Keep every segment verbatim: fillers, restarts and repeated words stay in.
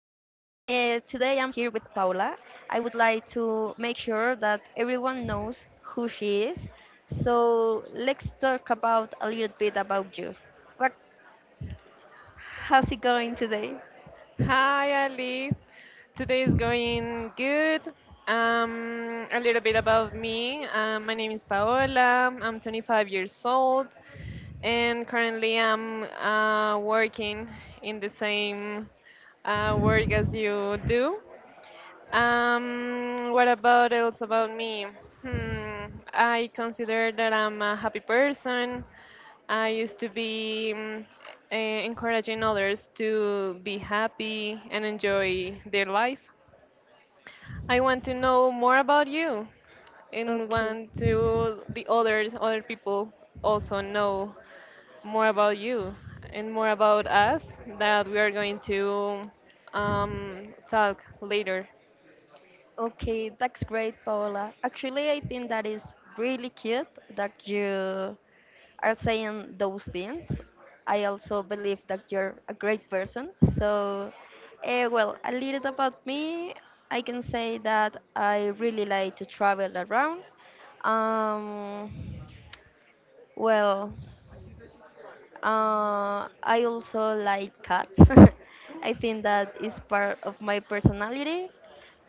here with Paola. I would like to make sure that everyone knows who she is. So let's talk about a little bit about you. What, How's it going today? Hi, Ali. Today is going good. Um, a little bit about me. Uh, my name is Paola. I'm twenty-five years old, and currently I'm uh, working in the same uh, work as you do. Um, what about else about me? Hmm, I consider that I'm a happy person. I used to be mm, eh, encouraging others to be happy and enjoy their life. I want to know more about you and Okay, want to the others, other people also know more about you and more about us that we are going to um, talk later. okay, that's great, Paola. Actually, I think that is really cute that you are saying those things. I also believe that you're a great person. So, uh, well, a little about me, I can say that I really like to travel around. Um, well, uh, I also like cats. I think that is part of my personality.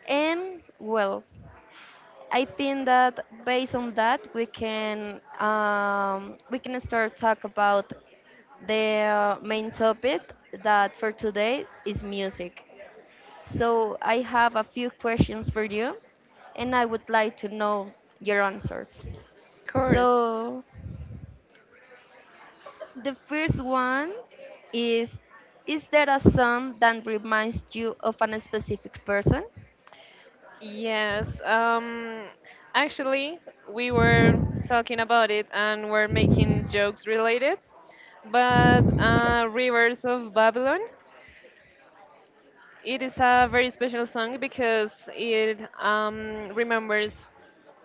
And, well, I think that based on that we can um, we can start talk about the main topic that for today is music. So I have a few questions for you and I would like to know your answers. Of course. So the first one is is there a song that reminds you of an specific person? Yes. Um, actually, we were talking about it and we're making jokes related. But uh, Rivers of Babylon, it is a very special song because it um, remembers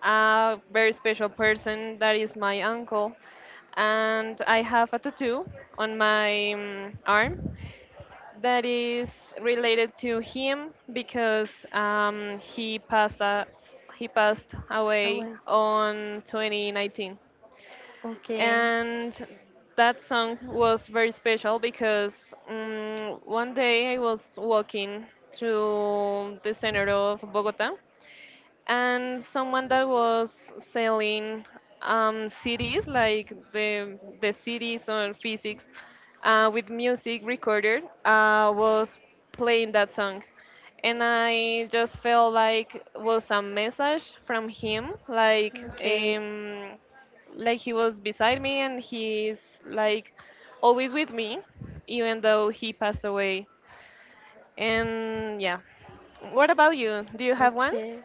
a very special person that is my uncle. And I have a tattoo on my um, arm that is related to him because um, he passed a, he passed Oh, away wait. on twenty nineteen. Okay. And that song was very special because um, one day I was walking through the center of Bogota, and someone that was selling um, C Ds, like the the C Ds on physics uh, with music recorded, uh, was playing that song, and I just felt like was a message from him, like Okay, um, like he was beside me and he's like always with me, even though he passed away. And yeah, what about you? Do you have one? okay.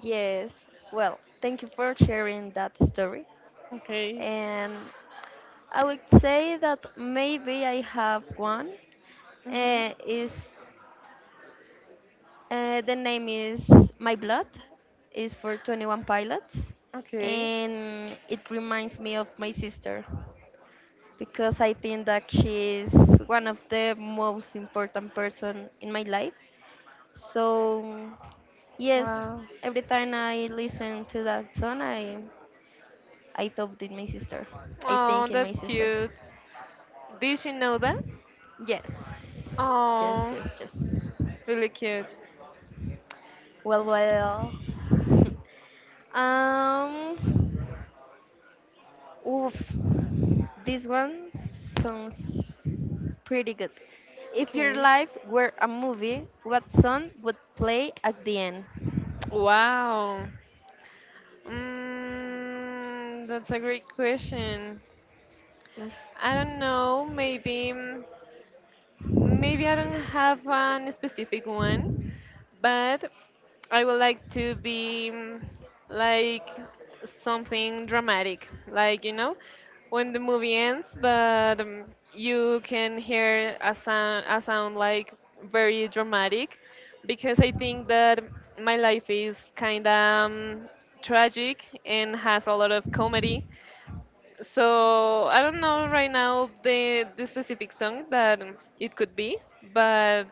Yes. Well, thank you for sharing that story. Okay. And I would say that maybe I have one. Hmm. Uh, is uh, The name is My Blood. Is for Twenty One Pilots, Okay. and it reminds me of my sister, because I think that she is one of the most important person in my life. So yes, Wow. every time I listen to that song, I I thought in my sister. I Oh, think in my that's sister. cute. Did you know that? Yes, yes, Oh, yes, yes. really cute. Well, well. um, Oof, this one sounds pretty good. If your Okay. life were a movie, what song would play at the end? Wow. Mm, that's a great question. Oof. I don't know. Maybe, mm, maybe I don't have an specific one, but I would like to be mm, like something dramatic, like you know, when the movie ends, but um, you can hear a sound, a sound like very dramatic, because I think that my life is kind of um, tragic and has a lot of comedy. So I don't know right now the the specific song that um, it could be, but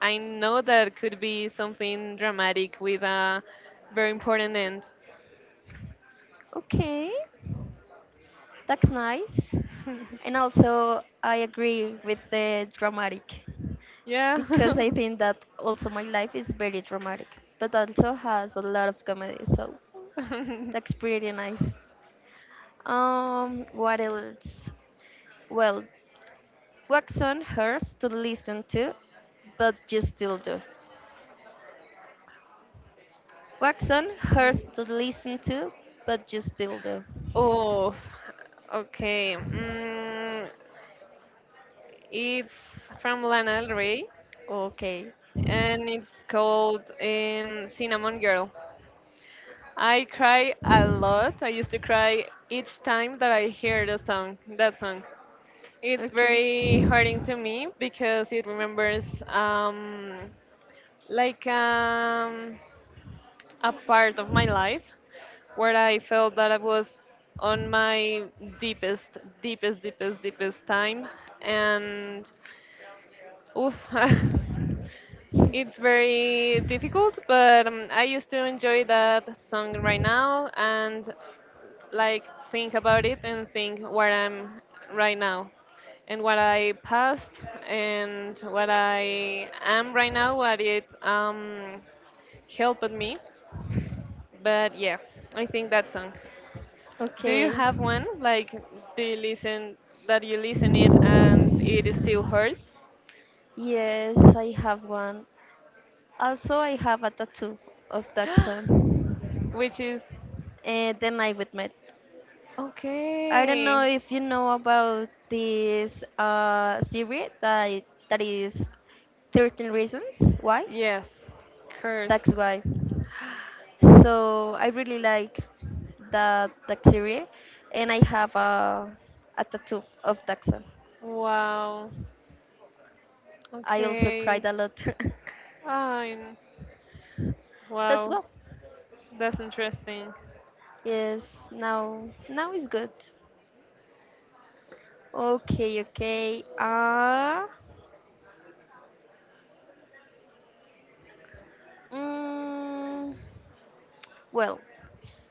I know that could be something dramatic with a very important end. Okay, that's nice. And also, I agree with the dramatic Yeah. because I think that also my life is very dramatic, but also has a lot of comedy, so that's pretty nice. Um, what else? Well, Waxon hurts to listen to, but you still do. Waxon hurts to listen to, but you still do. Oh, okay. Mm, it's from Lana Del Rey Okay, and it's called um, Cinnamon Girl. I cry a lot. I used to cry each time that I hear the song, that song. It's okay, very hurting to me because it remembers um, like um, a part of my life where I felt that I was on my deepest, deepest, deepest, deepest time, and oof, it's very difficult. But um, I used to enjoy that song right now and like think about it and think where I'm right now. And what I passed and what I am right now, what it um, helped me. But yeah, I think that song. Do you okay. have one? Like, do you listen that you listen it and it still hurts? Yes, I have one. Also, I have a tattoo of Daxon. Which is And then I would met. I don't okay. know if you know about this uh, series that that is thirteen Reasons Why. Yes, curse. That's why. So I really like that bacteria, and I have a, a tattoo of Dachshund. Wow. I also Okay. cried a lot. I But wow. well, That's interesting. yes, now now is good. Okay, okay. Uh, mm, well,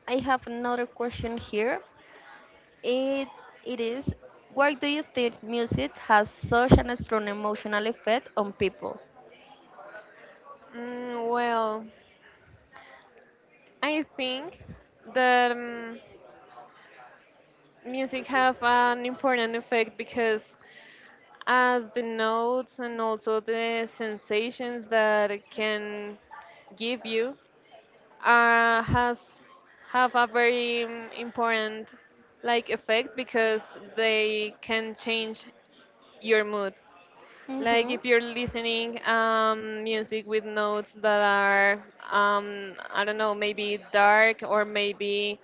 I have another question here. It it is why do you think music has such an strong emotional effect on people? Mm, well, I think that um, music have an important effect because as the notes and also the sensations that it can give you uh, has have a very um, important like effect because they can change your mood, like Mm-hmm. if you're listening um, music with notes that are um, I don't know, maybe dark or maybe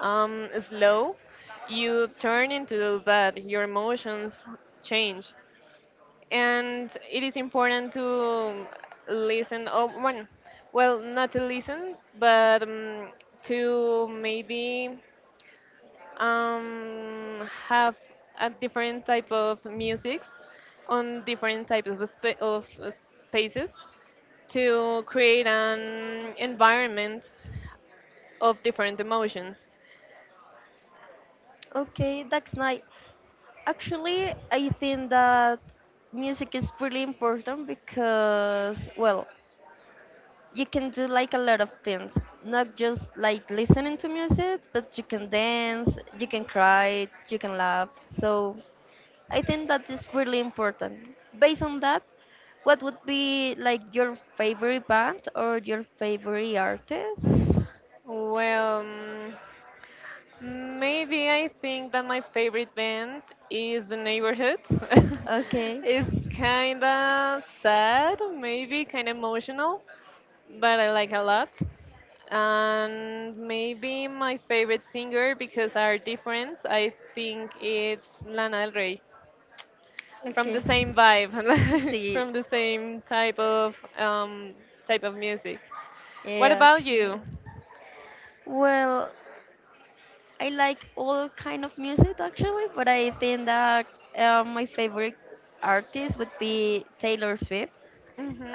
um, slow, you turn into that your emotions change, and it is important to listen or one, well, not to listen but um, to maybe um, have a different type of music on different types of, spa- of uh, spaces to create an environment of different emotions. Okay, that's nice. Actually, I think that music is really important because, well, you can do like a lot of things, not just like listening to music, but you can dance, you can cry, you can laugh. So I think that is really important. Based on that, what would be like your favorite band or your favorite artist? Well, um, maybe I think that my favorite band is The Neighborhood. Okay, It's kind of sad, maybe kind of emotional, but I like a lot. And maybe my favorite singer, because our difference, I think it's Lana Del Rey. From the okay. same vibe, Let's see. from the same type of um, type of music. What Yeah, about actually. you? Well, I like all kind of music actually, but I think that uh, my favorite artist would be Taylor Swift.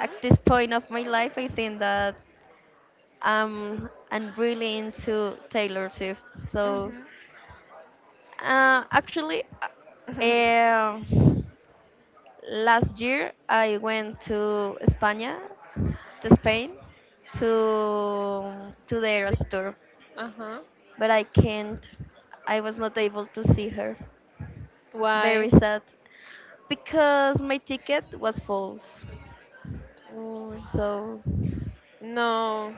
At this point of my life, I think that um, I'm really into Taylor Swift. So, Mhm. uh, actually, uh, um, last year I went to España, to Spain, to to their store. Uh huh. But I can't. I was not able to see her. Very Why? sad because my ticket was false. Oh, So it no,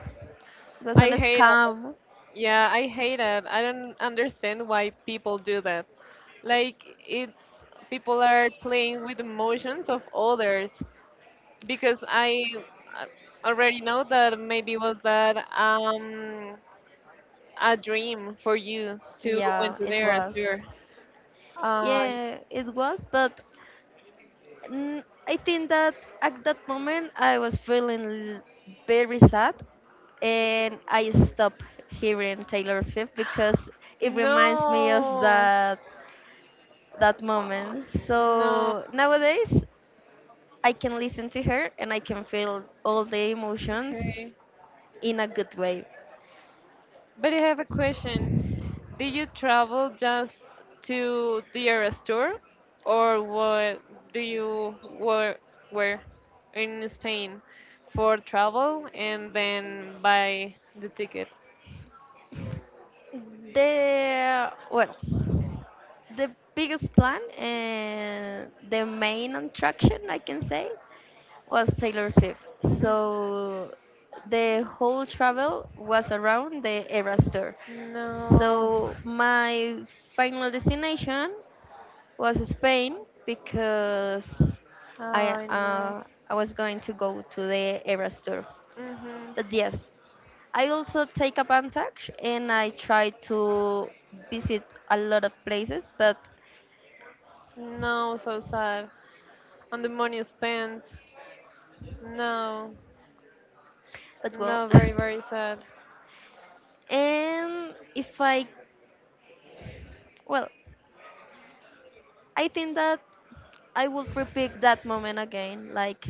was an I hate it. scam. Yeah, I hate it. I don't understand why people do that. Like, it's people are playing with emotions of others because I uh, already know that maybe was that um a dream for you to went Yeah, to it there as was. your uh, Yeah, it was, but mm, I think that at that moment I was feeling l- very sad and I stopped hearing Taylor Swift because it reminds me of no, that that Ah, moment. no. So nowadays I can listen to her and I can feel all the emotions Okay. in a good way. But I have a question. Did you travel just to the Eras tour, or what do you were were in Spain for travel and then buy the ticket? The well, the biggest plan and the main attraction I can say was Taylor Swift. Mm, So the whole travel was around the Eras tour. No, So my final destination was Spain because I I know. uh, I was going to go to the Eras tour. Mhm. But yes, I also take advantage and I try to visit a lot of places, but No, so sad. And the money spent. No, but well. no, very very sad. and if I well, I think that I would repeat that moment again. Like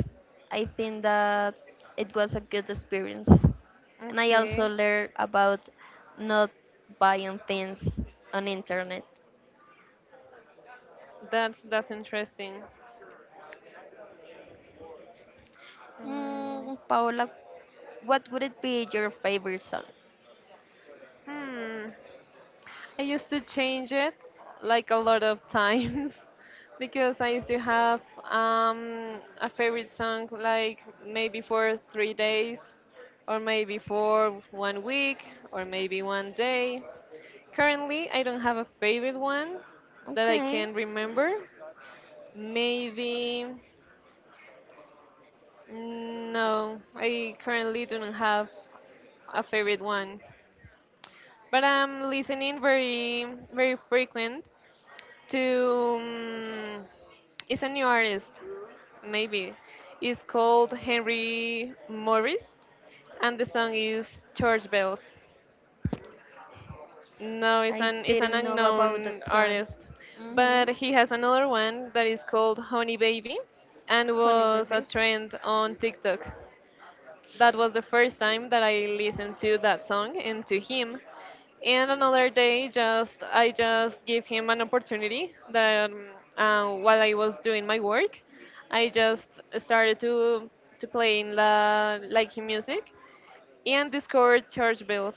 I think that it was a good experience. And I Okay, also learned about not buying things on internet. that's that's interesting. Mm, Mm, Paola, what would it be your favorite song? hmm. I used to change it like a lot of times because I used to have um, a favorite song like maybe for three days or maybe for one week or maybe one day. Currently, I don't have a favorite one that I Okay. can remember. Maybe, mm, no, I currently don't have a favorite one. But I'm listening very, very frequent to mm, it's a new artist, maybe. It's called Henry Morris, and the song is Church Bells. No, it's I an it's an didn't know about unknown that song. artist, Mm-hmm. but he has another one that is called Honey Baby, and Honey was a baby. trend on TikTok. That was the first time that I listened to that song and to him. And another day, just I just gave him an opportunity that um, uh, while I was doing my work, I just started to to play in the like music and discovered church bells.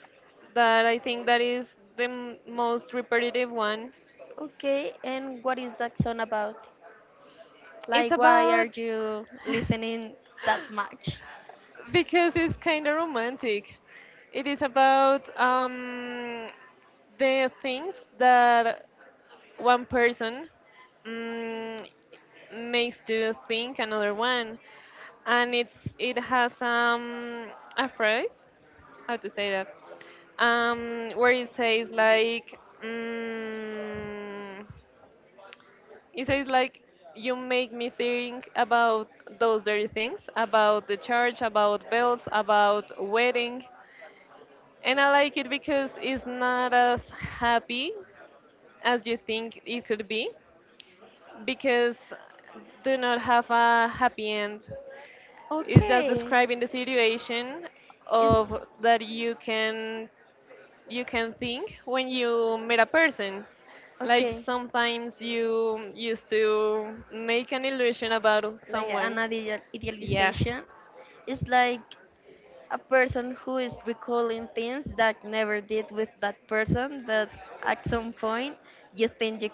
That I think that is the m- most repetitive one. Okay, and what is that song about? It's Like, why are about you listening that much? because it's kind of romantic. It is about um, the things that one person mm, makes to think another one, and it's it has um, a phrase, how to say that, um, where it says like. Mm, it says like you make me think about those dirty things, about the church, about bells, about wedding, and I like it because it's not as happy as you think it could be, because do not have a happy end. It's just Okay, describing the situation it's of that you can you can think when you meet a person. Like okay. sometimes you used to make an illusion about Like an someone. ideal- Yes, idealization. It's like a person who is recalling things that never did with that person, but at some point you think you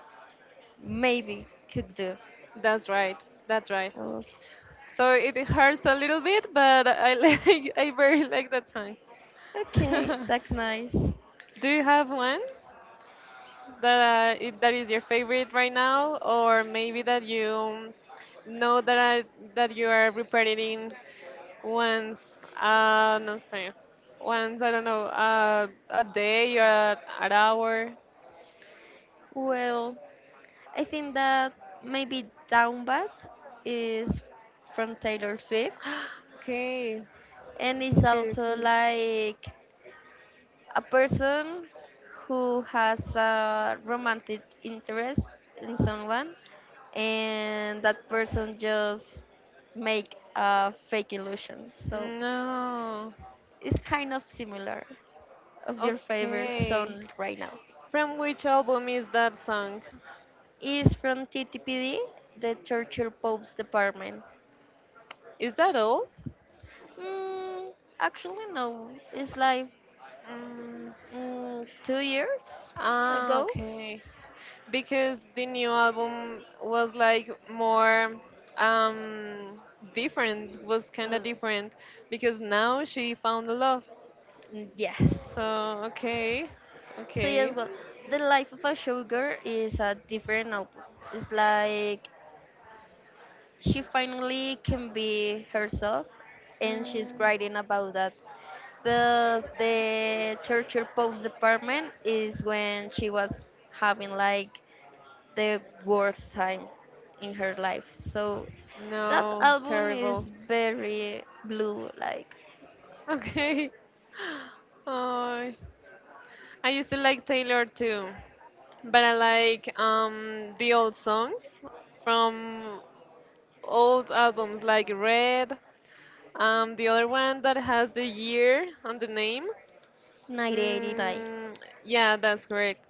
maybe could do. that's right. That's right. Oh, So it hurts a little bit, but I like I very like that song. okay, that's nice. Do you have one that uh, i- that is your favorite right now, or maybe that you know that I, that you are repeating once uh no sorry once I don't know uh, a day or an hour? Well, I think that maybe Down Bad is from Taylor Swift Okay, and it's okay. also Okay. like a person who has a romantic interest in someone and that person just make a fake illusion. So No, it's kind of similar of your favorite okay. song right now. From which album is that song? It's from T T P D, the Churchill Pope's Department. Is that old? Mm, Actually, no. It's like Mm. mm, two years Ah, ago. okay. Because the new album was like more um different, was kind Uh, of different, because now she found love. mm, yes. So, okay. So yes, Okay. well, the life of a showgirl is a different album. It's like she finally can be herself, and she's Mm, writing about that. But the torture post department is when she was having like the worst time in her life. So that no, album terrible. is very blue, like Okay. Oh, I used to like Taylor too, but I like um the old songs from old albums like Red, um the other one that has the year on the name. nineteen eighty-nine. Mm, yeah, that's correct.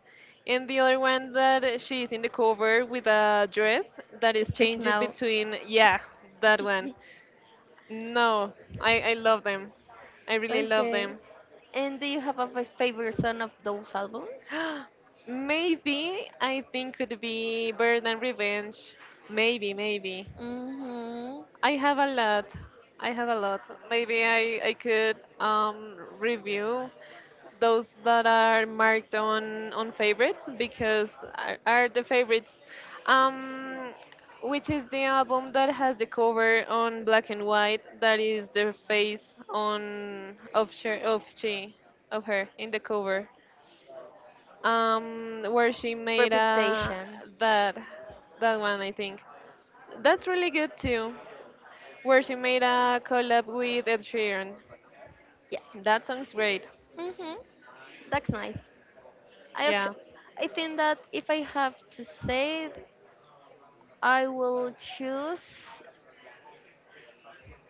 And the other one that she is in the cover with a dress that is Speak changed now. between, yeah, that one. No, I, I love them. I really love Okay. them. And do you have a fa- favorite song of those albums? Maybe I think could be Bird and Revenge. Maybe, maybe. Mm-hmm. I have a lot. I have a lot. Maybe I, I could um, review those that are marked on, on favorites because are, are the favorites. Um, which is the album that has the cover on black and white that is the face on of she, of she of her in the cover. Um, where she made a Reputation. that that one I think. That's really good too, where she made a collab with Ed Sheeran. Yeah. That song's great. Mm-hmm. That's nice. I Yeah. actu- I think that if I have to say it, I will choose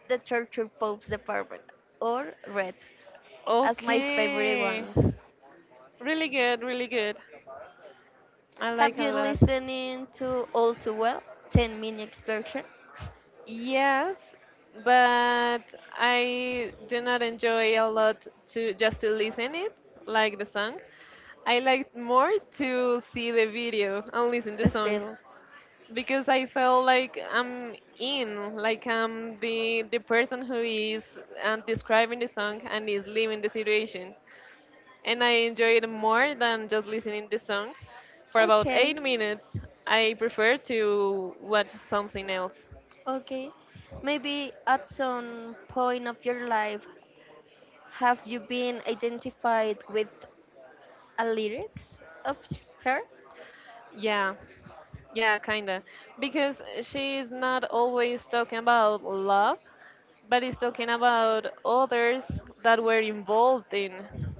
the torture popes department or red as my favorite Okay. ones. Really good, really good. I like Have a you lot. listening to all too well ten minute explosion? Yes, but I do not enjoy a lot to just to listen it, like the song. I like more to see the video and listen the The song film. because I felt like I'm in, like I'm the the person who is uh, describing the song and is living the situation. And I enjoyed it more than just listening the song. For about Okay, eight minutes, I prefer to watch something else. okay, maybe at some point of your life have you been identified with a lyrics of her? Yeah, yeah, kinda. Because she is not always talking about love, but is talking about others that were involved in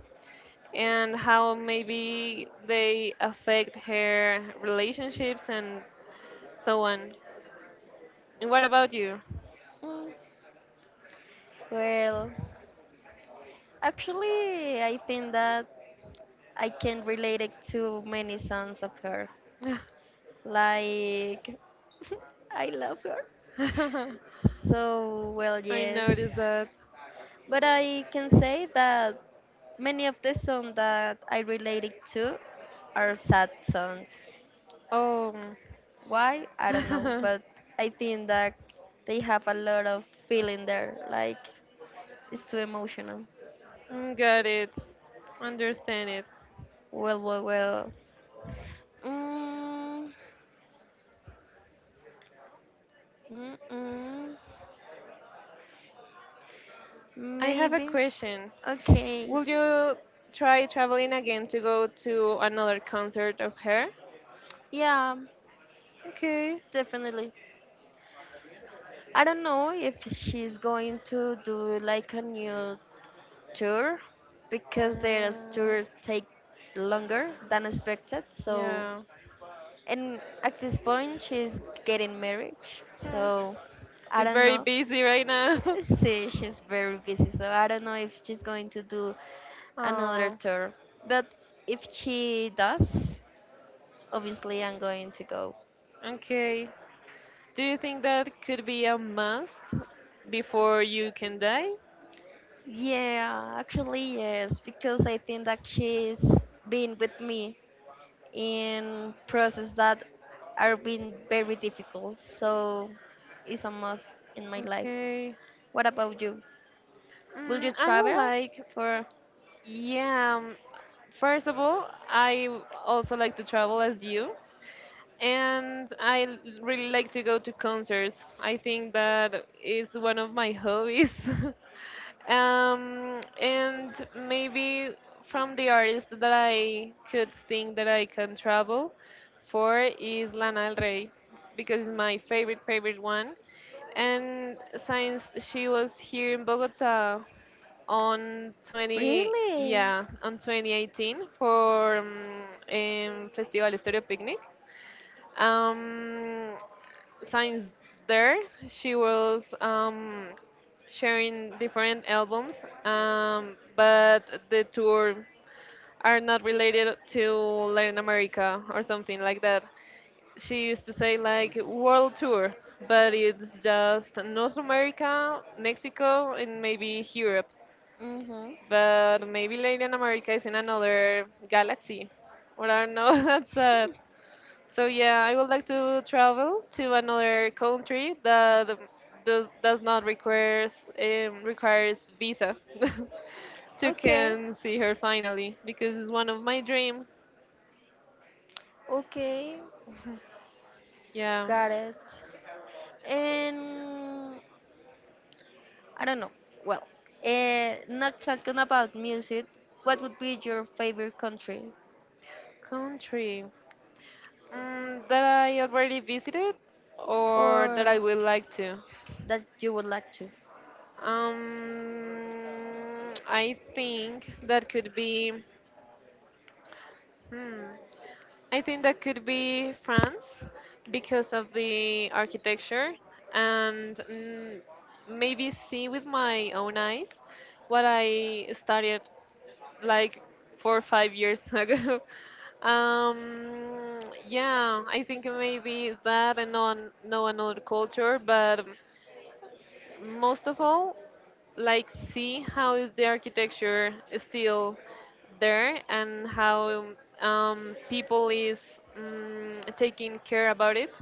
and how maybe they affect her relationships and so on. And what about you? Mm, well actually I think that I can relate it to many songs of her. Like, I love her. So, well, I yes. noticed that. But I can say that many of the songs that I related to are sad songs. Oh. Why? I don't know. But I think that they have a lot of feeling there. Like, it's too emotional. Mm, got it. Understand it. Well, well, well. Mm, mm, mm, I have a Maybe. question. Okay. Will you try traveling again to go to another concert of her? Yeah, Okay. definitely. I don't know if she's going to do like a new tour because their Mm, tour take longer than expected. So, yeah. and at this point, she's getting married. Hmm. So, I It's don't very know. busy right now. See, she's very busy. So, I don't know if she's going to do another Oh, tour. But if she does, obviously, I'm going to go. okay. Do you think that could be a must before you can die? Yeah, actually, yes, because I think that she's been with me in process that are being very difficult. So it's a must in my life. Okay. What about you? Will you Mm, I would travel like, for yeah. um, First of all, I w- also like to travel as you. And I l- really like to go to concerts. I think that is one of my hobbies. Um, and maybe from the artist that I could think that I can travel for is Lana Del Rey because it's my favorite favorite one. And since she was here in Bogota on 20 really? yeah on twenty eighteen for um, um, Festival Estéreo Picnic. um, since there, she was um, sharing different albums, um, but the tour are not related to Latin America or something like that. She used to say like world tour, but it's just North America, Mexico, and maybe Europe. Mm-hmm. But maybe Latin America is in another galaxy. Well, I don't know. That's sad. So yeah, I would like to travel to another country that um, does does not requires um, requires visa to Okay, can see her finally because it's one of my dream. okay, Yeah, got it. And I don't know. Well, uh, not talking about music. What would be your favorite country country, mm, that I already visited or that I or would like to. that you would like to? Um, I think that could be. Hmm. I think that could be France because of the architecture and, mm, maybe see with my own eyes what I studied like four or five years ago. Um, yeah, I think maybe that and on know another culture, but most of all, like see how is the architecture still there and how um, people is um, taking care about it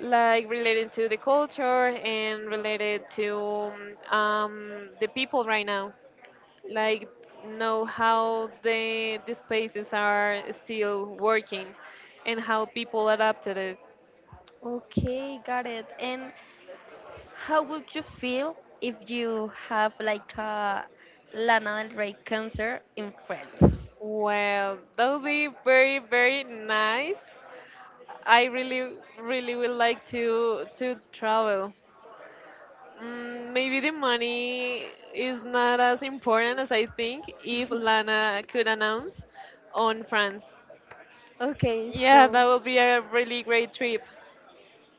like related to the culture and related to um, the people right now, like know how the the spaces are still working and how people adapted it. Okay, got it. And how would you feel if you have like a Lana Del Rey concert in France? Well, that would be very very nice. I really, really would like to to travel. Mm, maybe the money is not as important as I think if Lana could announce on France. Okay, Yeah, so that will be a really great trip.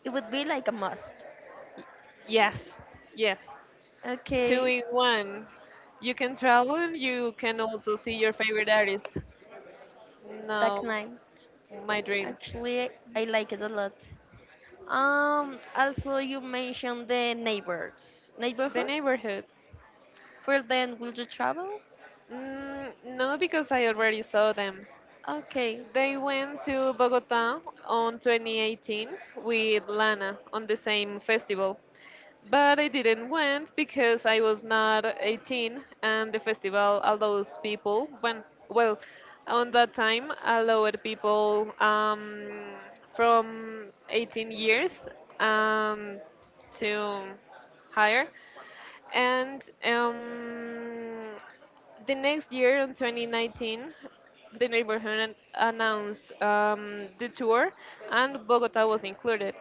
it would be like a must. Yes, yes, two Okay, in one. You can travel and you can also see your favorite artist. that's No, nice. my dream. Actually, I like it a lot. Um, also you mentioned the neighbors, The neighborhood. neighborhood. For then, will you travel? Mm, no, because I already saw them. Okay, They went to Bogota on twenty eighteen with Lana on the same festival. But I didn't went because I was not eighteen and the festival allows people when, well, on that time allowed people, um, from eighteen years um, to higher. And um, the next year, in twenty nineteen, the neighborhood an- announced um, the tour, and Bogota was included.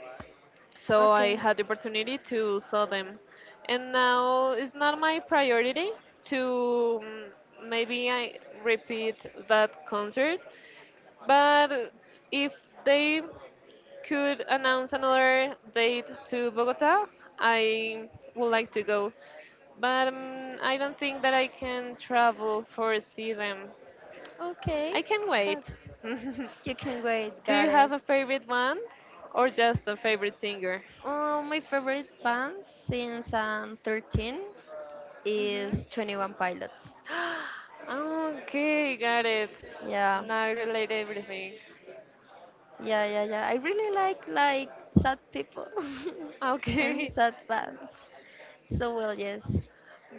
So I okay, had the opportunity to saw them, and now it's not my priority to, mm, maybe I repeat that concert, but if they could announce another date to Bogota, I would like to go. But um, I don't think that I can travel for see them. okay. I can Got wait. You can wait. Do you Got it. have a favorite one or just a favorite singer? Uh, my favorite band since I'm thirteen is Hmm. twenty one Pilots. Okay, got it. Yeah, Now I relate everything. yeah, yeah, yeah. I really like like sad people and Okay. sad bands. So well, yes,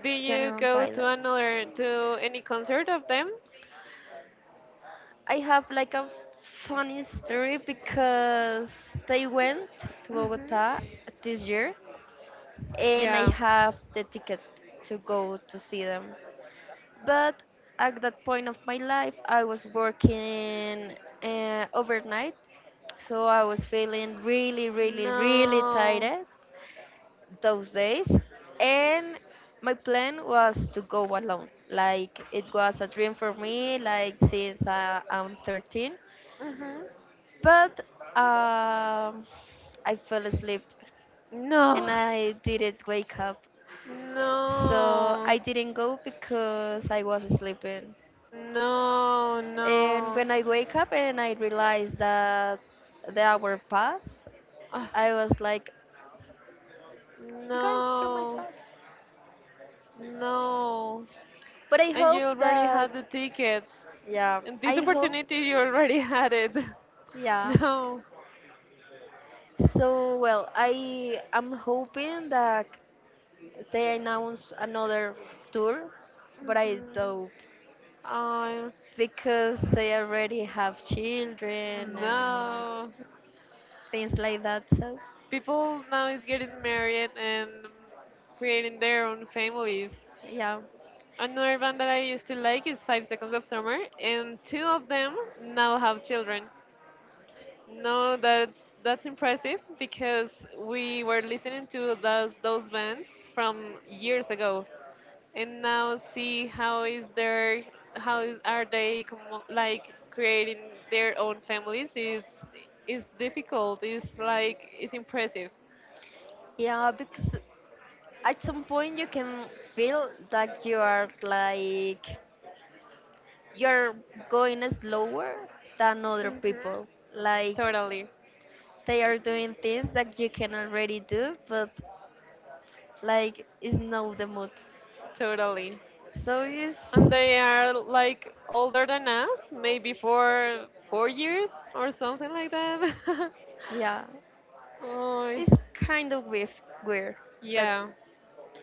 Did you twenty one go to Pilots. another to any concert of them? I have like a funny story because they went to Bogota Hmm. this year and I Yeah. have the ticket to go to see them. But at that point of my life, I was working uh, overnight, so I was feeling really, really, really No. tired those days. And my plan was to go alone. Like it was a dream for me, like since uh, I'm thirteen. Mhm. But um, I fell asleep and No, I didn't wake up. So no, I didn't go because I was sleeping. no, And no. when I wake up and I realize that the hour passed, Ah, I was like, I'm going to kill no, myself. no. But I And you hope already that, had the tickets. yeah, And this I hope, opportunity, you already had it. yeah. No. So, well, I am hoping that they announce another tour, but I Mhm. don't I because they already have children and no. things like that. So, People now is getting married and creating their own families. yeah. Another band that I used to like is Five Seconds of Summer, and two of them now have children. No, that's that's impressive because we were listening to those those bands from years ago, and now see how is their how is- are they com- like creating their own families. It's it's difficult. It's like it's impressive. Yeah, because at some point you can feel that you are like you're going slower than other Mhm. people like Totally, they are doing things that you can already do but like it's not the mood totally. so it's And they are like older than us, maybe for four years or something like that. yeah Oh, it's kind of weird weird but yeah.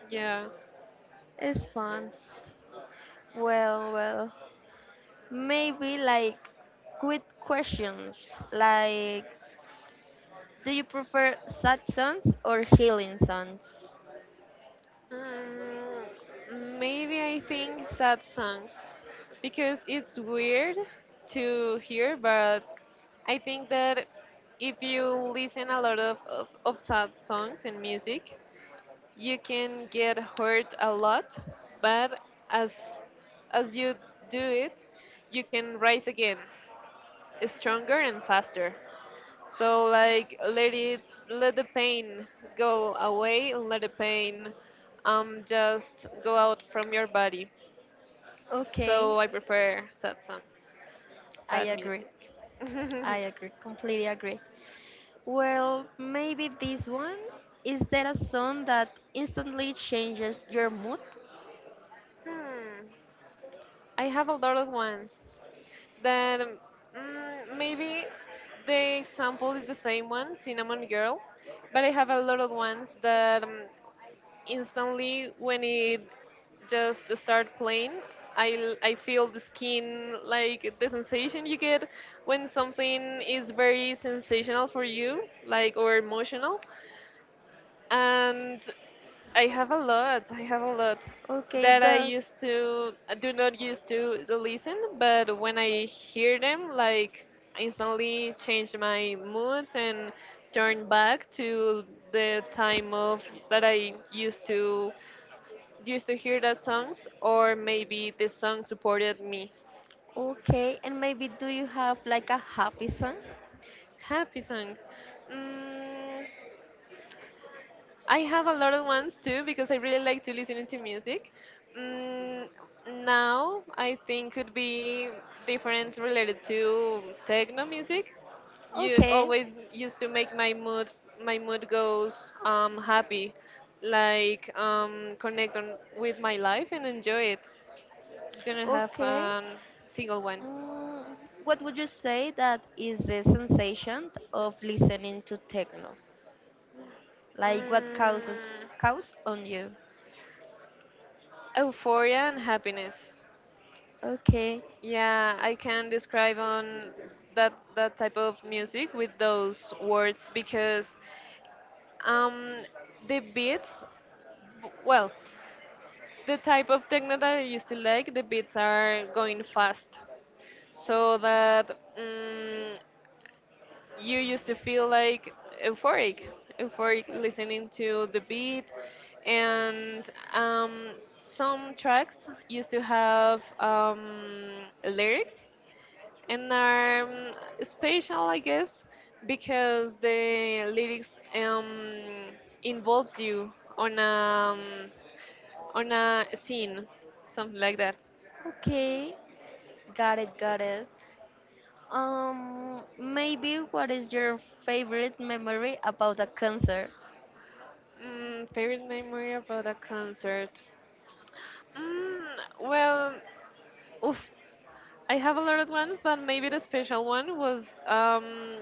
Yeah. it's fun. Well, well, maybe like quick questions like, do you prefer sad songs or healing songs? Mm, maybe I think sad songs because it's weird to hear, but I think that if you listen a lot of, of, of sad songs and music, you can get hurt a lot, but as as you do it, you can rise again, stronger and faster. So like let it let the pain go away and let the pain um just go out from your body. Okay, So I prefer sad songs, I sad agree. music. Hmm. I agree. Completely agree. Well, maybe this one. Is there a song that instantly changes your mood? I have a lot of ones that um, mm, maybe the example is the same one, Cinnamon Girl, but I have a lot of ones that um, instantly when it just start playing I, l- I feel the skin like the sensation you get when something is very sensational for you like or emotional. And i have a lot i have a lot Okay, that I but used to, I do not used to listen, but when I hear them like instantly change my moods and turn back to the time of that I used to used to hear that songs, or maybe the song supported me. okay. And maybe do you have like a happy song? Happy song. Mm, I have a lot of ones too because I really like to listen to music. Mm, now I think could be difference related to techno music. You Okay, always used to make my moods my mood goes, um, happy, like, um, connect on with my life and enjoy it. Don't have okay. um, single one. Mm, what would you say that is the sensation of listening to techno? Like what causes Mm, cause on you? euphoria and happiness. Okay, Yeah, I can describe on that that type of music with those words because, um, the beats, w- well, the type of techno that I used to like, the beats are going fast, so that. Mm, you used to feel like euphoric, euphoric listening to the beat. And um, some tracks used to have um, lyrics and are um, special, I guess, because the lyrics um, involves you on a, on a scene, something like that. okay. Got it, got it. Um, maybe what is your favorite memory about a concert? Mm, favorite memory about a concert? Mm, well, oof. I have a lot of ones, but maybe the special one was um,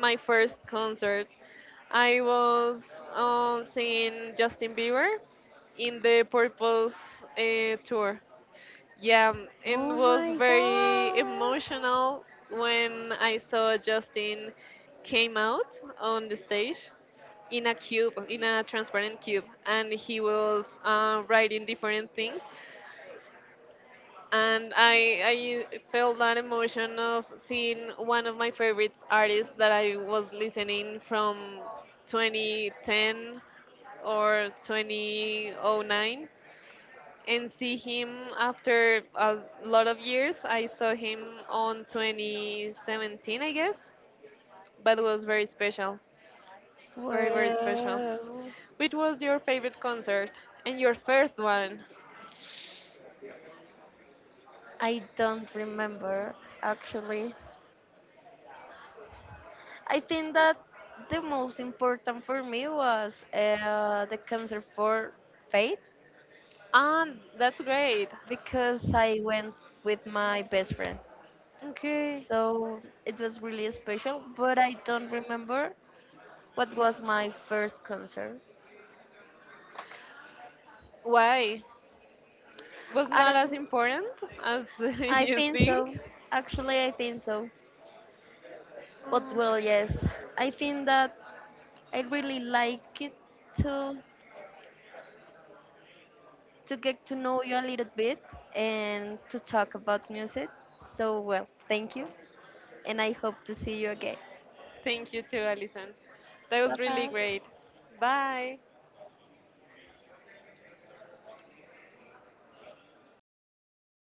my first concert. I was uh, seeing Justin Bieber in the Purpose uh, tour. Yeah, Oh and was my very god. emotional when I saw Justin came out on the stage in a cube, in a transparent cube, and he was uh, writing different things. And I I felt that emotion of seeing one of my favorite artists that I was listening from twenty ten or twenty oh nine and see him after a lot of years. I saw him on twenty seventeen, I guess, but it was very special, very very special. Well, Which was your favorite concert and your first one? I don't remember actually. I think that the most important for me was uh, the concert for Faith Ah, that's great. because I went with my best friend. Okay. So it was really special, but I don't remember what was my first concert. Why? Was I not don't as know. important as I you think so. think. Actually, I think so. But Mm, well, yes, I think that I really like it to to get to know you a little bit and to talk about music. So well, thank you, and I hope to see you again. thank you too, Alison. That Bye was really bye. great. Bye.